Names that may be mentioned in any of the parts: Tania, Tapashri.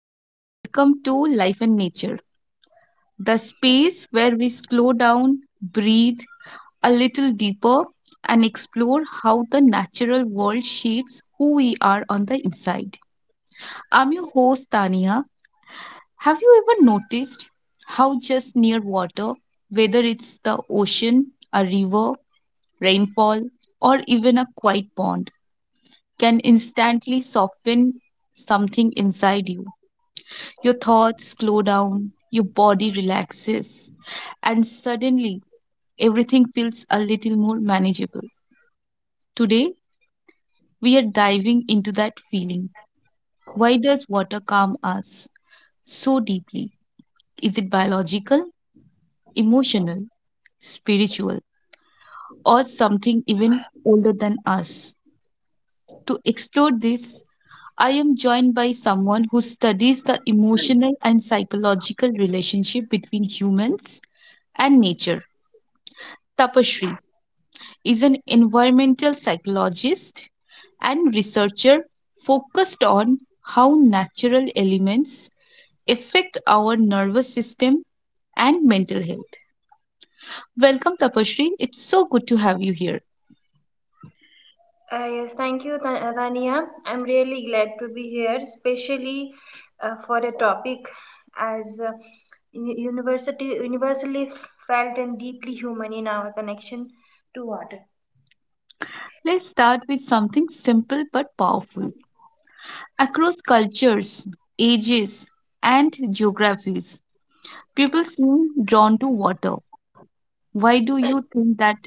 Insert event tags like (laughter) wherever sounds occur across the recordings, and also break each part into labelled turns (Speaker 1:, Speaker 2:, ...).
Speaker 1: and welcome to Life in Nature, the space where we slow down, breathe a little deeper, and explore how the natural world shapes who we are on the inside. I'm your host, Tania. Have you ever noticed how just near water, whether it's the ocean, a river, rainfall, or even a quiet pond, can instantly soften something inside you? Your thoughts slow down, your body relaxes, and suddenly everything feels a little more manageable. Today, we are diving into that feeling. Why does water calm us so deeply? Is it biological, emotional, spiritual, or something even older than us? To explore this, I am joined by someone who studies the emotional and psychological relationship between humans and nature. Tapashri, is an environmental psychologist and researcher focused on how natural elements affect our nervous system and mental health. Welcome, Tapashri. It's so good to have you here.
Speaker 2: Yes, thank you, Tania. I'm really glad to be here, especially for a topic as u- university universally felt and deeply human in our connection to water.
Speaker 1: Let's start with something simple but powerful. Across cultures, ages, and geographies, people seem drawn to water. Why do you think that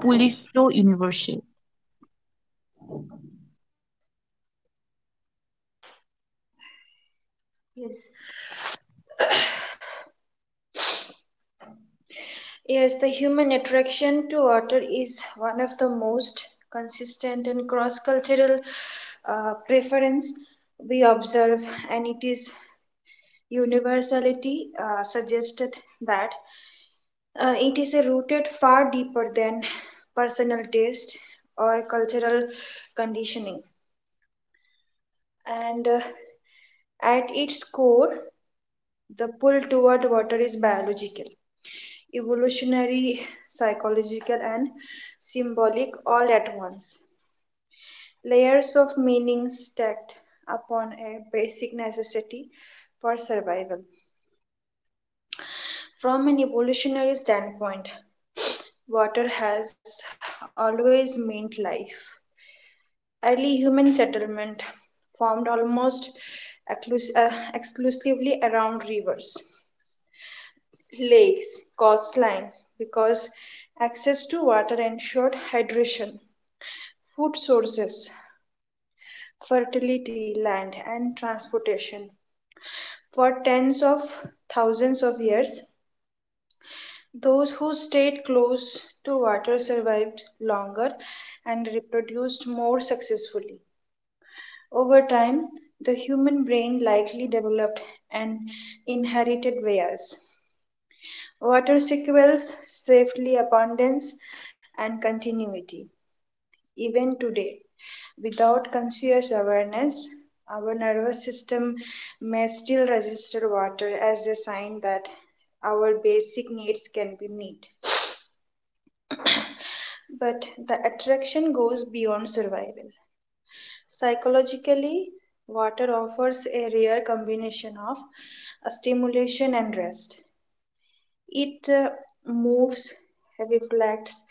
Speaker 1: pool is so universal?
Speaker 2: Yes, yes, the human attraction to water is one of the most consistent and cross-cultural preference we observe, and it is universality suggested that it is rooted far deeper than personal taste or cultural conditioning. And at its core, the pull toward water is biological, evolutionary, psychological, and symbolic all at once. Layers of meaning stacked upon a basic necessity for survival. From an evolutionary standpoint, water has always meant life. Early human settlement formed almost exclusively around rivers, lakes, coastlines because access to water ensured hydration, food sources, fertility, land, and transportation. For tens of thousands of years, those who stayed close to water survived longer and reproduced more successfully. Over time, the human brain likely developed and inherited bias. Water sequels safely abundance and continuity. Even today, without conscious awareness, our nervous system may still register water as a sign that our basic needs can be met. But the attraction goes beyond survival. Psychologically, water offers a rare combination of stimulation and rest. It moves, reflects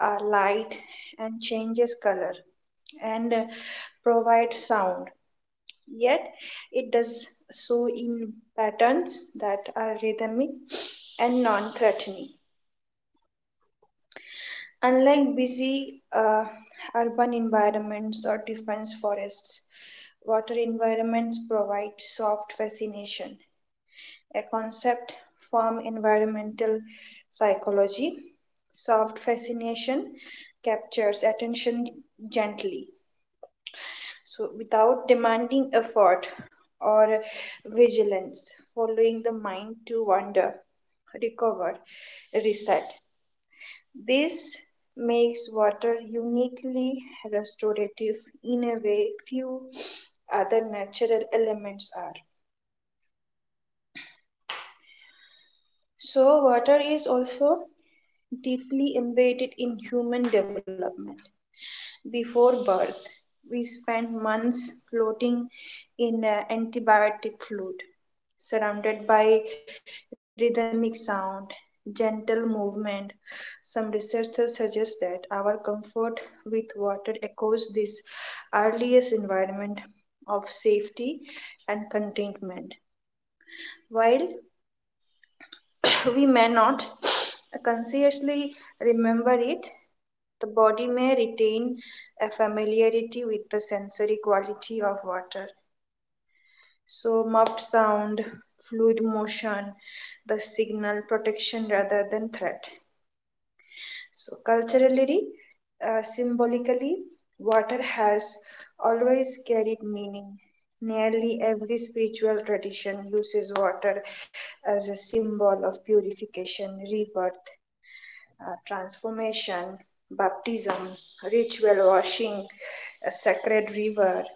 Speaker 2: light, and changes color, and provides sound. Yet, it does so in patterns that are rhythmic and non threatening. Unlike busy urban environments or dense forests, water environments provide soft fascination, a concept from environmental psychology. Soft fascination captures attention gently, so without demanding effort or vigilance, following the mind to wander, recover, reset. This makes water uniquely restorative in a way few other natural elements are. So, water is also deeply embedded in human development. Before birth, we spend months floating in antibiotic fluid, surrounded by rhythmic sound, gentle movement. Some researchers suggest that our comfort with water echoes this earliest environment of safety and contentment. While we may not consciously remember it, the body may retain a familiarity with the sensory quality of water. So, muffed sound, fluid motion, the signal protection rather than threat. So, culturally, symbolically, water has always carried meaning. Nearly every spiritual tradition uses water as a symbol of purification, rebirth, transformation, baptism, ritual washing, a sacred river,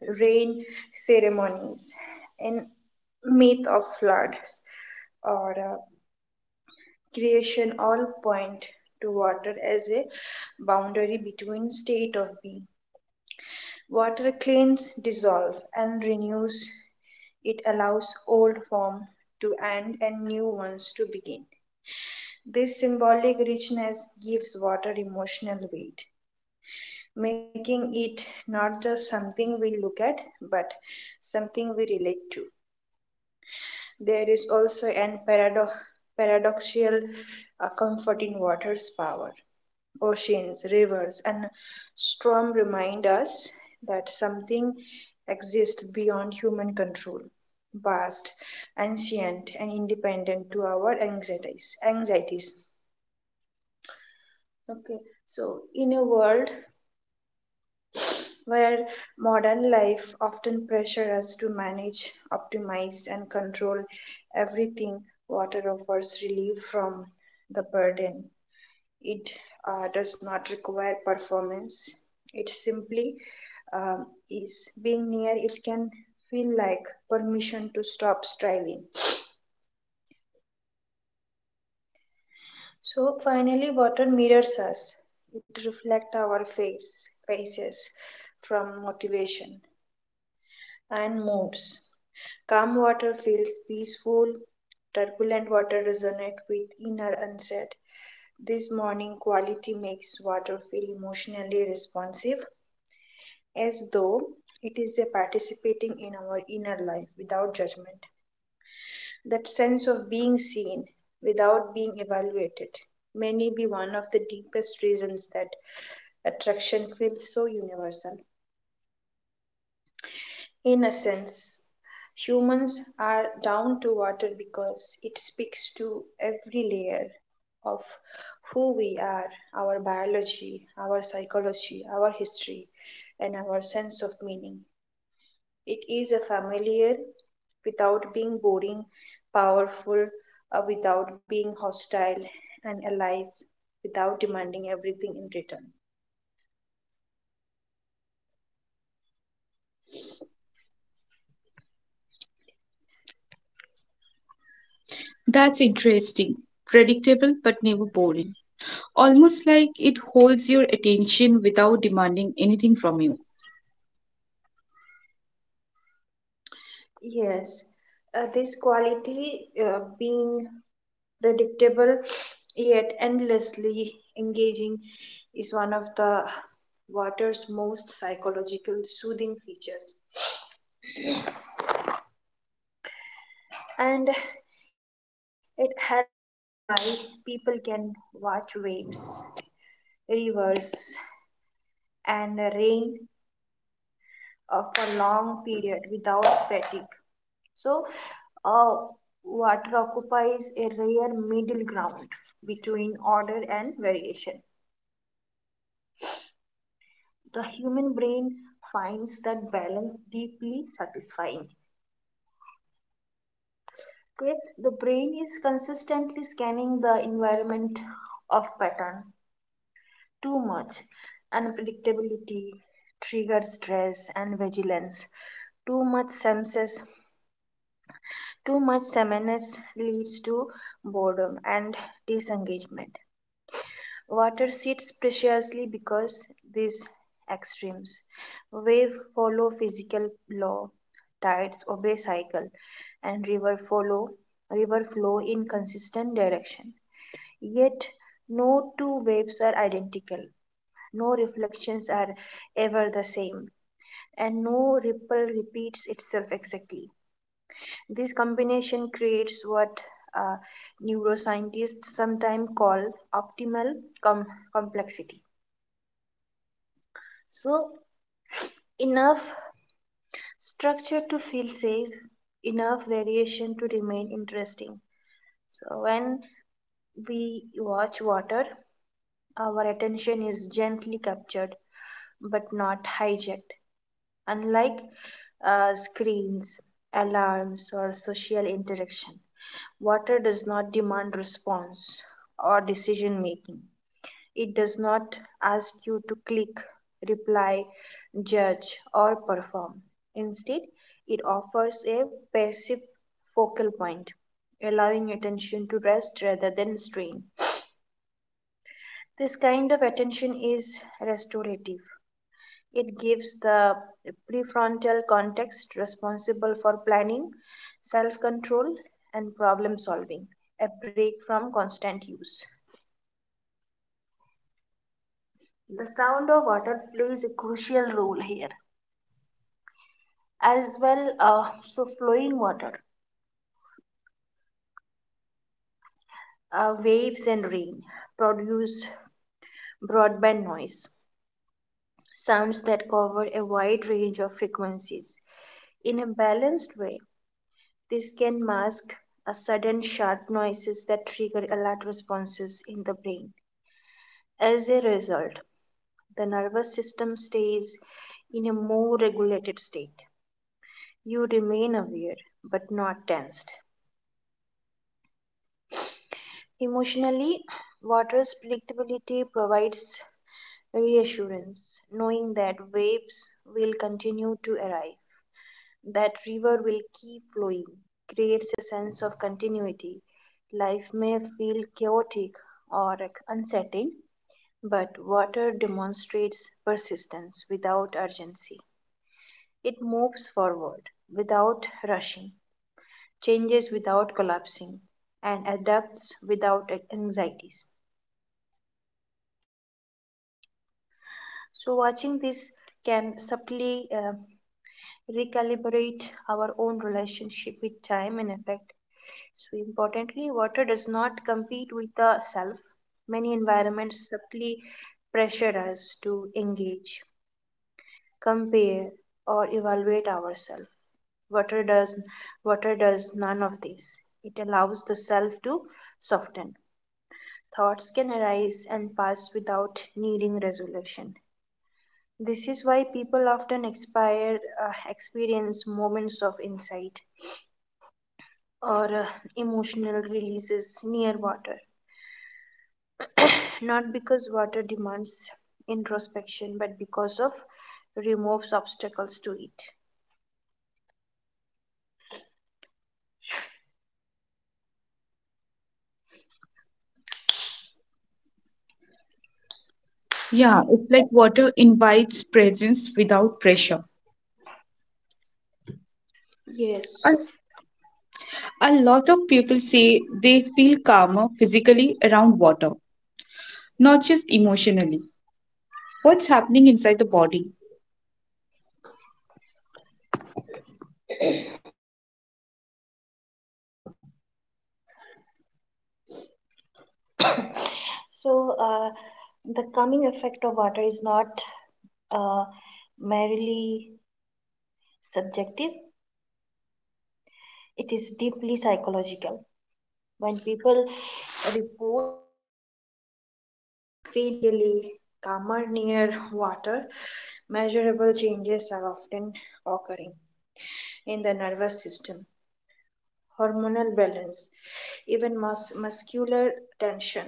Speaker 2: rain ceremonies, and myth of floods or creation all point to water as a boundary between state of being. Water cleans, dissolves, and renews. It allows old form to end and new ones to begin. This symbolic richness gives water emotional weight, making it not just something we look at, but something we relate to. There is also an paradoxical comfort in water's power. Oceans, rivers, and storm remind us that something exists beyond human control, vast, ancient, and independent to our anxieties. Anxieties. Okay, so in a world where modern life often pressures us to manage, optimize, and control everything, water offers relief from the burden. It does not require performance, it simply is. Being near it can feel like permission to stop striving. So finally, water mirrors us. It reflects our faces from motivation and moods. Calm water feels peaceful, turbulent water resonates with inner unset. This morning quality makes water feel emotionally responsive, as though it is a participating in our inner life without judgment. That sense of being seen without being evaluated may be one of the deepest reasons that attraction feels so universal. In essence, humans are down to water because it speaks to every layer of who we are, our biology, our psychology, our history, and our sense of meaning. It is a familiar without being boring, powerful without being hostile, and alive without demanding everything in return.
Speaker 1: That's interesting. Predictable but never boring. Almost like it holds your attention without demanding anything from you.
Speaker 2: Yes, this quality being predictable yet endlessly engaging is one of the water's most psychological soothing features and it helps explain why people can watch waves, rivers, and rain for long period without fatigue, so uh, water occupies a rare middle ground between order and variation. The human brain finds that balance deeply satisfying. Okay, the brain is consistently scanning the environment of pattern. Too much unpredictability triggers stress and vigilance. Too much senses, too much sameness leads to boredom and disengagement. Water sits preciously because these extremes. Wave follow physical law, tides obey cycle, and river follow river flow in consistent direction. Yet no two waves are identical. No reflections are ever the same, and no ripple repeats itself exactly. This combination creates what uh, neuroscientists sometimes call optimal com- complexity. So, enough structure to feel safe, enough variation to remain interesting. So, when we watch water, our attention is gently captured but not hijacked. Unlike screens, alarms, or social interaction, water does not demand response or decision making. It does not ask you to click, reply, judge, or perform. Instead, it offers a passive focal point, allowing attention to rest rather than strain. This kind of attention is restorative. It gives the prefrontal context responsible for planning, self control, and problem solving a break from constant use. The sound of water plays a crucial role here as well. So flowing water, waves and rain produce broadband noise, sounds that cover a wide range of frequencies in a balanced way. This can mask a sudden sharp noises that trigger alert responses in the brain. As a result, the nervous system stays in a more regulated state. You remain aware but not tensed emotionally. Water's predictability provides reassurance. Knowing that waves will continue to arrive, that river will keep flowing, creates a sense of continuity. Life may feel chaotic or uncertain, but water demonstrates persistence without urgency. It moves forward without rushing, changes without collapsing, and adapts without anxieties. So, watching this can subtly recalibrate our own relationship with time and effect. So importantly, water does not compete with the self. Many environments subtly pressure us to engage, compare, or evaluate ourselves. Water does water does none of this. It allows the self to soften. Thoughts can arise and pass without needing resolution. This is why people often experience moments of insight or emotional releases near water. Not because water demands introspection, but because of removes obstacles to it.
Speaker 1: Yeah, it's like water invites presence without pressure. A
Speaker 2: Yes.
Speaker 1: a lot of people say they feel calmer physically around water, not just emotionally. What's happening inside the body?
Speaker 2: So the calming effect of water is not uh, merely subjective, it is deeply psychological. When people report feeling physically calmer near water, measurable changes are often occurring in the nervous system, hormonal balance, even muscular tension.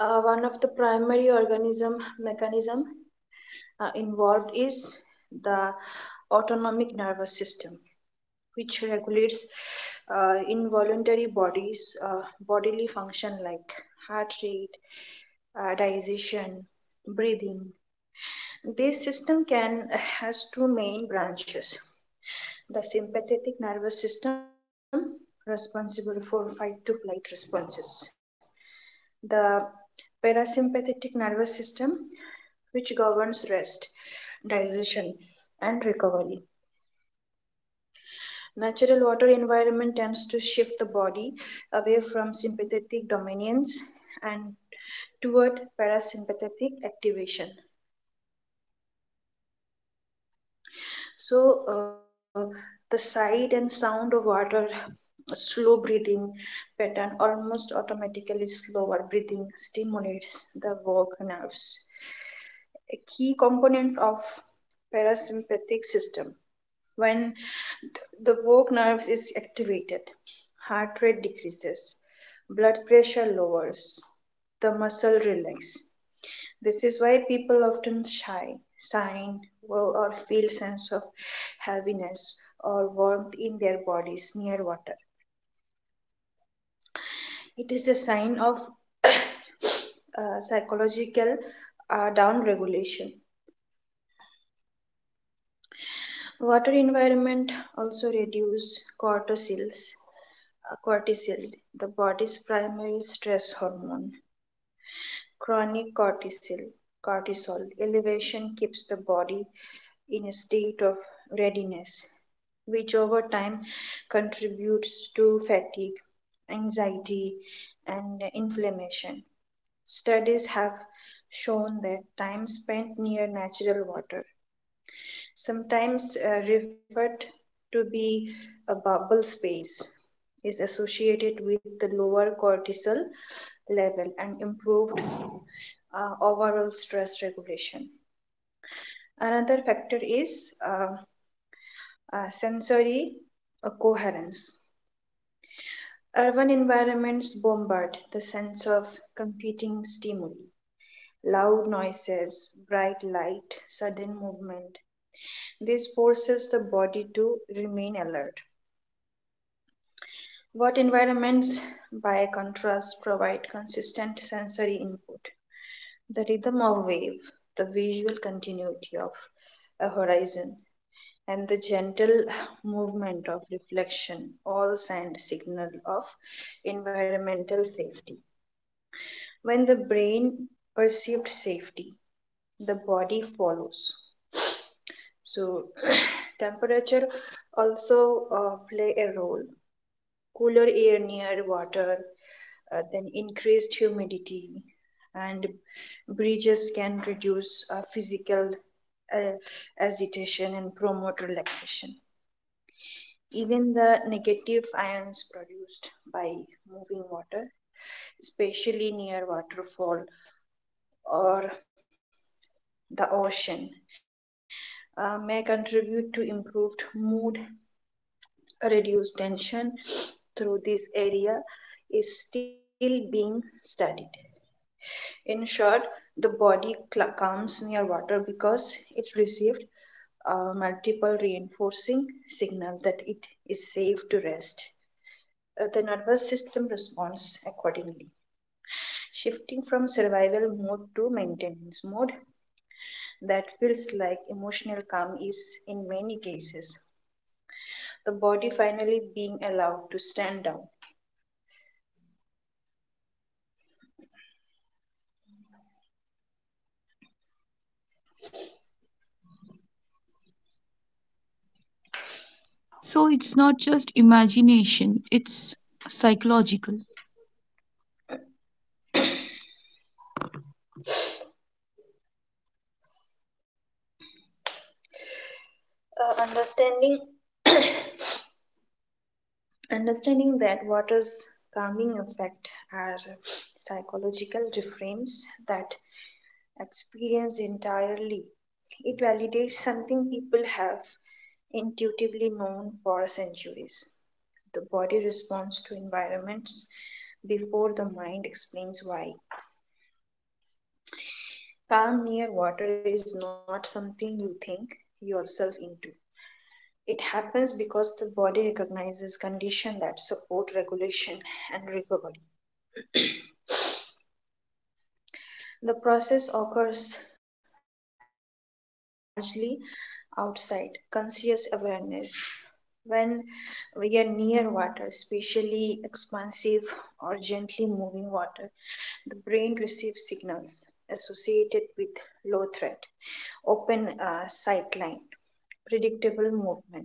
Speaker 2: One of the primary organism mechanism involved is the autonomic nervous system, which regulates involuntary bodies bodily function like heart rate, digestion, breathing. This system can has two main branches, the sympathetic nervous system responsible for fight to flight responses, the parasympathetic nervous system which governs rest, digestion, and recovery. Natural water environment tends to shift the body away from sympathetic dominance and toward parasympathetic activation. So, uh, the sight and sound of water, slow breathing pattern almost automatically slower breathing stimulates the vagus nerves, a key component of parasympathetic system. When the vagus nerve is activated, heart rate decreases, blood pressure lowers, the muscle relax. This is why people often shy, sign, or feel sense of heaviness or warmth in their bodies near water. It is a sign of (coughs) psychological down regulation. Water environment also reduce cortisols. Cortisol, the body's primary stress hormone. Chronic cortisol, cortisol elevation keeps the body in a state of readiness, which over time contributes to fatigue, anxiety, and inflammation. Studies have shown that time spent near natural water, sometimes referred to be a bubble space, is associated with the lower cortisol level and improved overall stress regulation. Another factor is sensory coherence. Urban environments bombard the sense of competing stimuli, loud noises, bright light, sudden movement. This forces the body to remain alert. What environments, by contrast, provide consistent sensory input? The rhythm of wave, the visual continuity of a horizon, and the gentle movement of reflection all send signal of environmental safety. When the brain perceived safety, the body follows. So (clears throat) temperature also play a role. Cooler air near water, then increased humidity, and breezes can reduce physical uh, agitation and promote relaxation. Even the negative ions produced by moving water, especially near waterfall or the ocean, may contribute to improved mood, reduced tension, through this area is still being studied. In short, the body comes near water because it received a multiple reinforcing signal that it is safe to rest. The nervous system responds accordingly, shifting from survival mode to maintenance mode. That feels like emotional calm is in many cases. The body finally being allowed to stand down.
Speaker 1: So it's not just imagination, it's psychological.
Speaker 2: Uh, understanding Understanding that water's calming effect are psychological reframes that experience entirely. It validates something people have intuitively known for centuries. The body responds to environments before the mind explains why. Calm near water is not something you think yourself into. It happens because the body recognizes conditions that support regulation and recovery. The process occurs largely outside conscious awareness when we are near water, especially expansive or gently moving water. The brain receives signals associated with low threat, open sight line, predictable movement,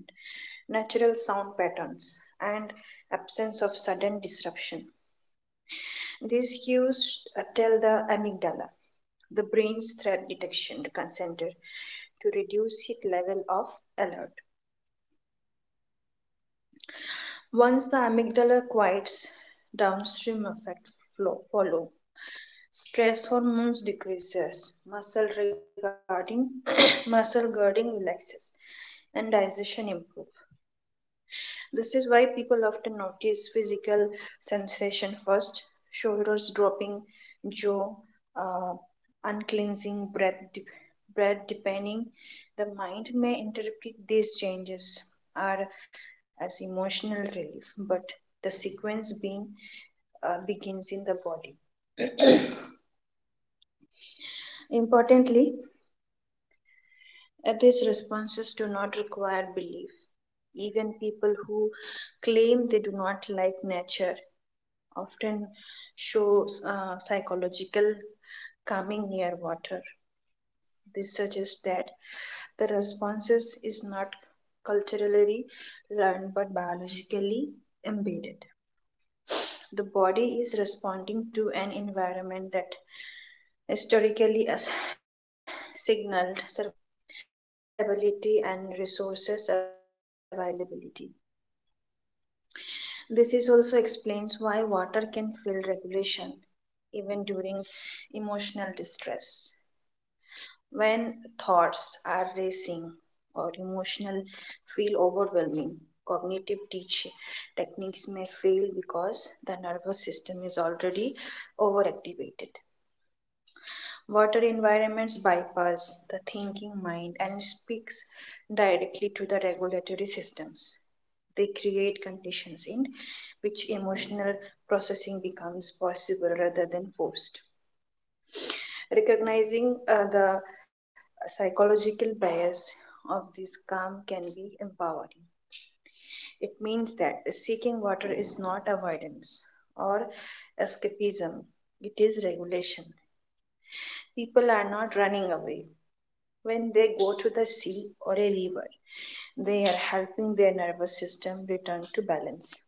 Speaker 2: natural sound patterns, and absence of sudden disruption. These cues tell the amygdala, the brain's threat detection center, to reduce its level of alert. Once the amygdala quiets, downstream effects follow. Stress hormones decreases, muscle regarding (coughs) muscle girding relaxes, and digestion improves. This is why people often notice physical sensation first: shoulders dropping, jaw uh, uncleansing, breath deepening. The mind may interpret these changes are as emotional relief, but the sequence being begins in the body. Importantly, these responses do not require belief. Even people who claim they do not like nature often shows psychological calming near water. This suggests that the responses is not culturally learned but biologically embedded. The body is responding to an environment that historically signaled survival, stability, and resources availability. This is also explains why water can feel regulation even during emotional distress. When thoughts are racing or emotional feel overwhelming, cognitive teach techniques may fail because the nervous system is already overactivated. Water environments bypass the thinking mind and speaks directly to the regulatory systems. They create conditions in which emotional processing becomes possible rather than forced. Recognizing the psychological bias of this calm can be empowering. It means that seeking water is not avoidance or escapism, it is regulation. People are not running away. When they go to the sea or a river, they are helping their nervous system return to balance.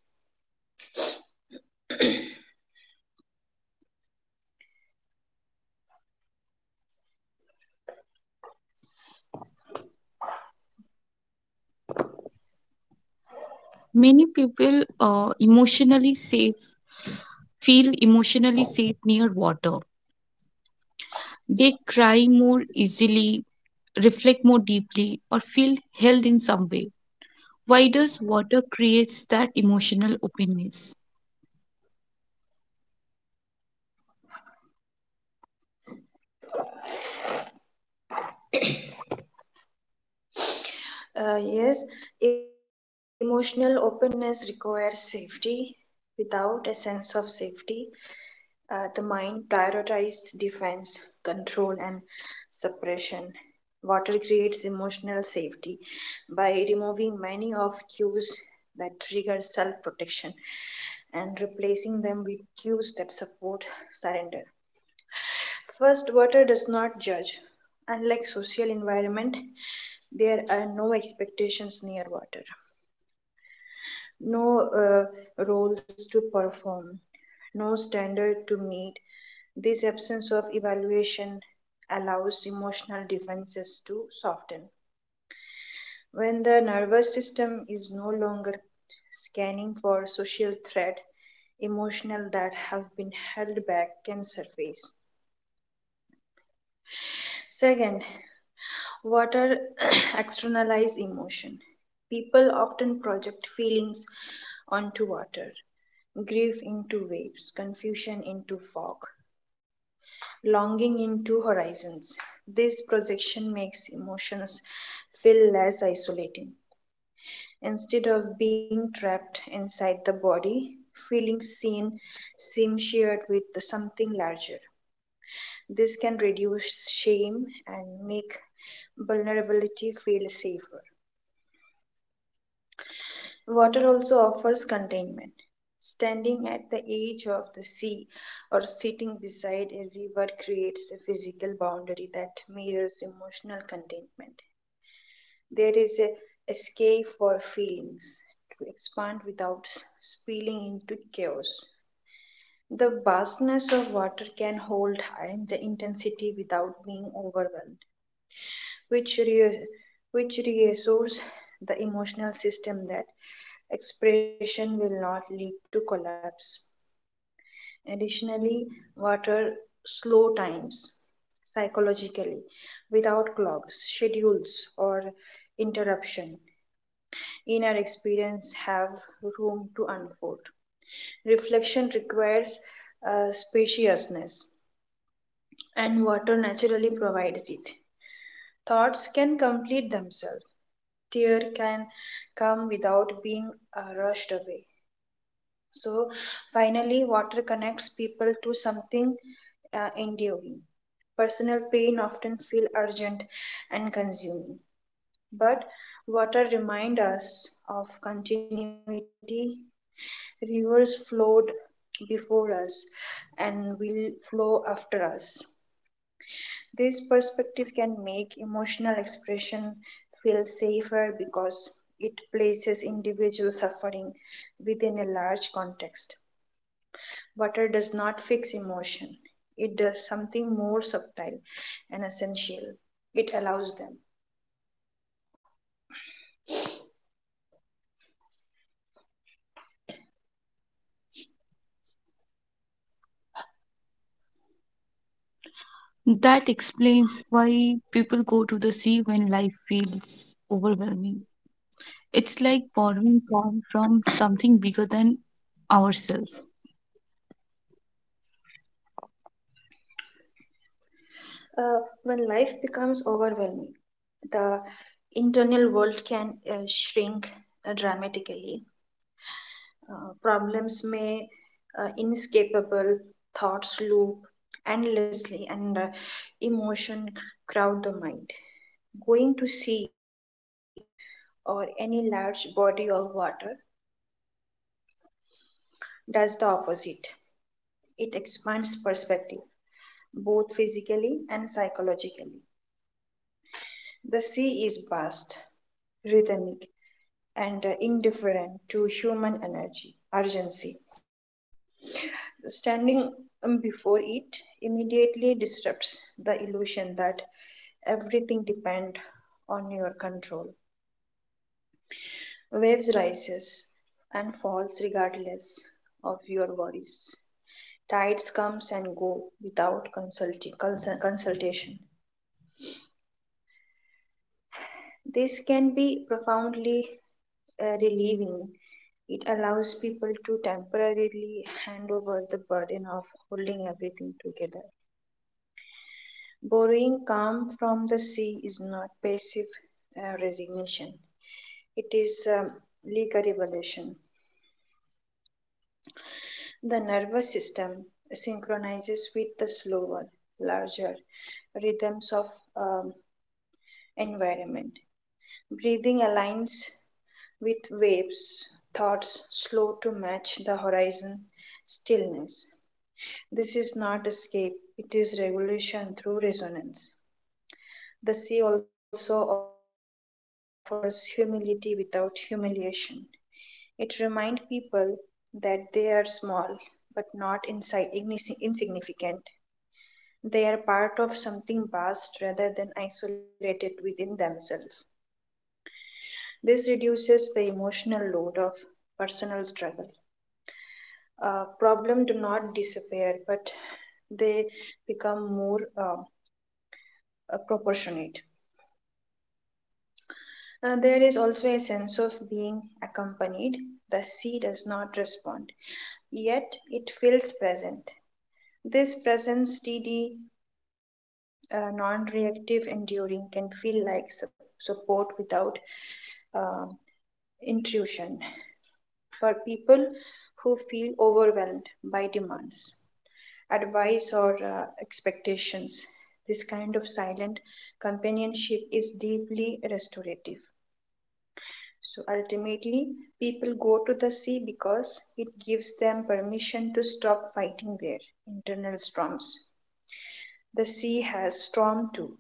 Speaker 1: Many people emotionally safe feel emotionally safe near water. They cry more easily, reflect more deeply, or feel held in some way. Why does water creates that emotional openness?
Speaker 2: Yes, emotional openness requires safety. Without a sense of safety, the mind prioritizes defense, control, and suppression. Water creates emotional safety by removing many of cues that trigger self protection and replacing them with cues that support surrender. First, water does not judge. Unlike social environment, there are no expectations near water, no roles to perform, no standard to meet. This absence of evaluation allows emotional defenses to soften. When the nervous system is no longer scanning for social threat, emotional that have been held back can surface. Second, Water (coughs) (clears throat) externalize emotion. People often project feelings onto water. Grief into waves, confusion into fog, longing into horizons. This projection makes emotions feel less isolating. Instead of being trapped inside the body, feelings seen seem shared with something larger. This can reduce shame and make vulnerability feel safer. Water also offers containment. Standing at the edge of the sea or sitting beside a river creates a physical boundary that mirrors emotional containment. There is a escape for feelings to expand without spilling into chaos. The vastness of water can hold high the intensity without being overwhelmed, which re- which reassures the emotional system that expression will not lead to collapse. Additionally, water slow times psychologically without clogs, schedules, or interruption. Inner experience have room to unfold. Reflection requires spaciousness, and water naturally provides it. Thoughts can complete themselves, tear can come without being rushed away. So finally, water connects people to something enduring. Personal pain often feel urgent and consuming, but water reminds us of continuity. Rivers flowed before us and will flow after us. This perspective can make emotional expression feel safer because it places individual suffering within a large context. Water does not fix emotion, it does something more subtle and essential. It allows them.
Speaker 1: That explains why people go to the sea when life feels overwhelming. It's like borrowing calm from something bigger than ourselves.
Speaker 2: When life becomes overwhelming, the internal world can shrink dramatically. Problems may inescapable, thoughts loop endlessly, and emotion crowd the mind. Going to sea or any large body of water does the opposite. It expands perspective both physically and psychologically. The sea is vast, rhythmic, and indifferent to human energy urgency. Standing before it immediately disrupts the illusion that everything depends on your control. Waves rises and falls regardless of your worries. Tides comes and go without consultation. This can be profoundly relieving. It allows people to temporarily hand over the burden of holding everything together. Borrowing calm from the sea is not passive resignation, it is legal evolution. The nervous system synchronizes with the slower, larger rhythms of um, environment. Breathing aligns with waves, thoughts slow to match the horizon, stillness. This is not escape, it is regulation through resonance. The sea also offers humility without humiliation. It reminds people that they are small but not insignificant. They are part of something vast rather than isolated within themselves. This reduces the emotional load of personal struggle. Problems do not disappear, but they become more proportionate. There is also a sense of being accompanied. The sea does not respond, yet it feels present. This presence, steady, non reactive, enduring, can feel like support without uh, intrusion for people who feel overwhelmed by demands, advice, or expectations. This kind of silent companionship is deeply restorative. So ultimately, people go to the sea because it gives them permission to stop fighting their internal storms. The sea has storm too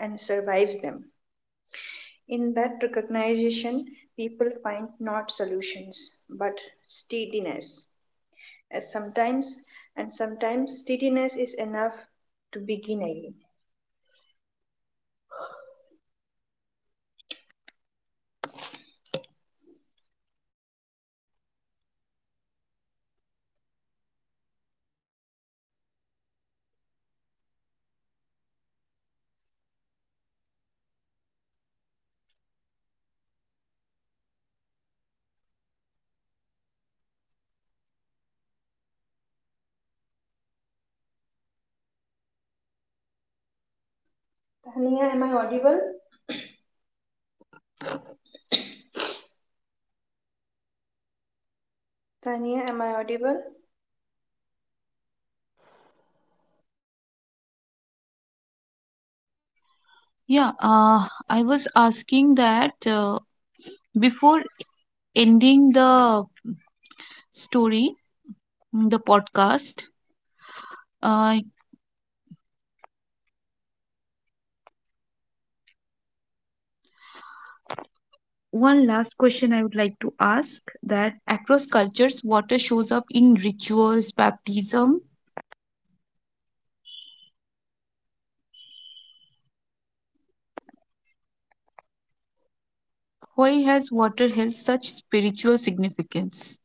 Speaker 2: and survives them. In that recognition, people find not solutions but steadiness. As sometimes and sometimes steadiness is enough to begin again. Tania, am I audible?
Speaker 1: Yeah, I was asking that before ending story, the podcast, uh, one last question I would like to ask that across cultures, water shows up in rituals, baptism. Why has water held such spiritual significance?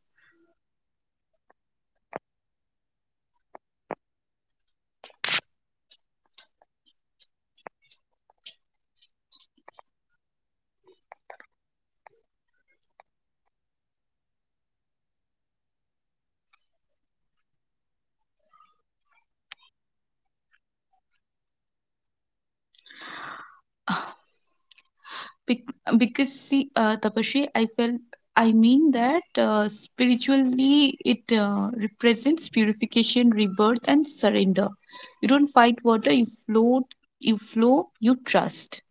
Speaker 1: Because see, Tapashi, I felt. I mean that spiritually it represents purification, rebirth, and surrender. You don't fight water; you float, you flow, you trust.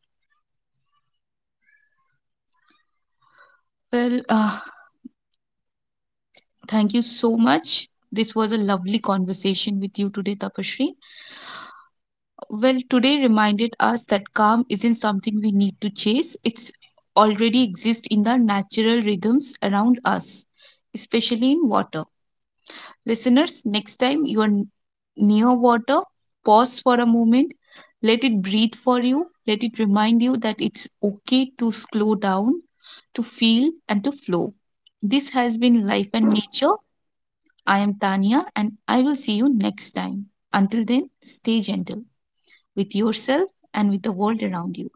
Speaker 1: Well, thank you so much. This was a lovely conversation with you today, Tapashri. Well, today reminded us that calm isn't something we need to chase, it's already exists in the natural rhythms around us, especially in water. Listeners, next time you are near water, pause for a moment, let it breathe for you, let it remind you that it's okay to slow down, to feel, and to flow. This has been Life and Nature. I am Tanya, and I will see you next time. Until then, stay gentle with yourself and with the world around you.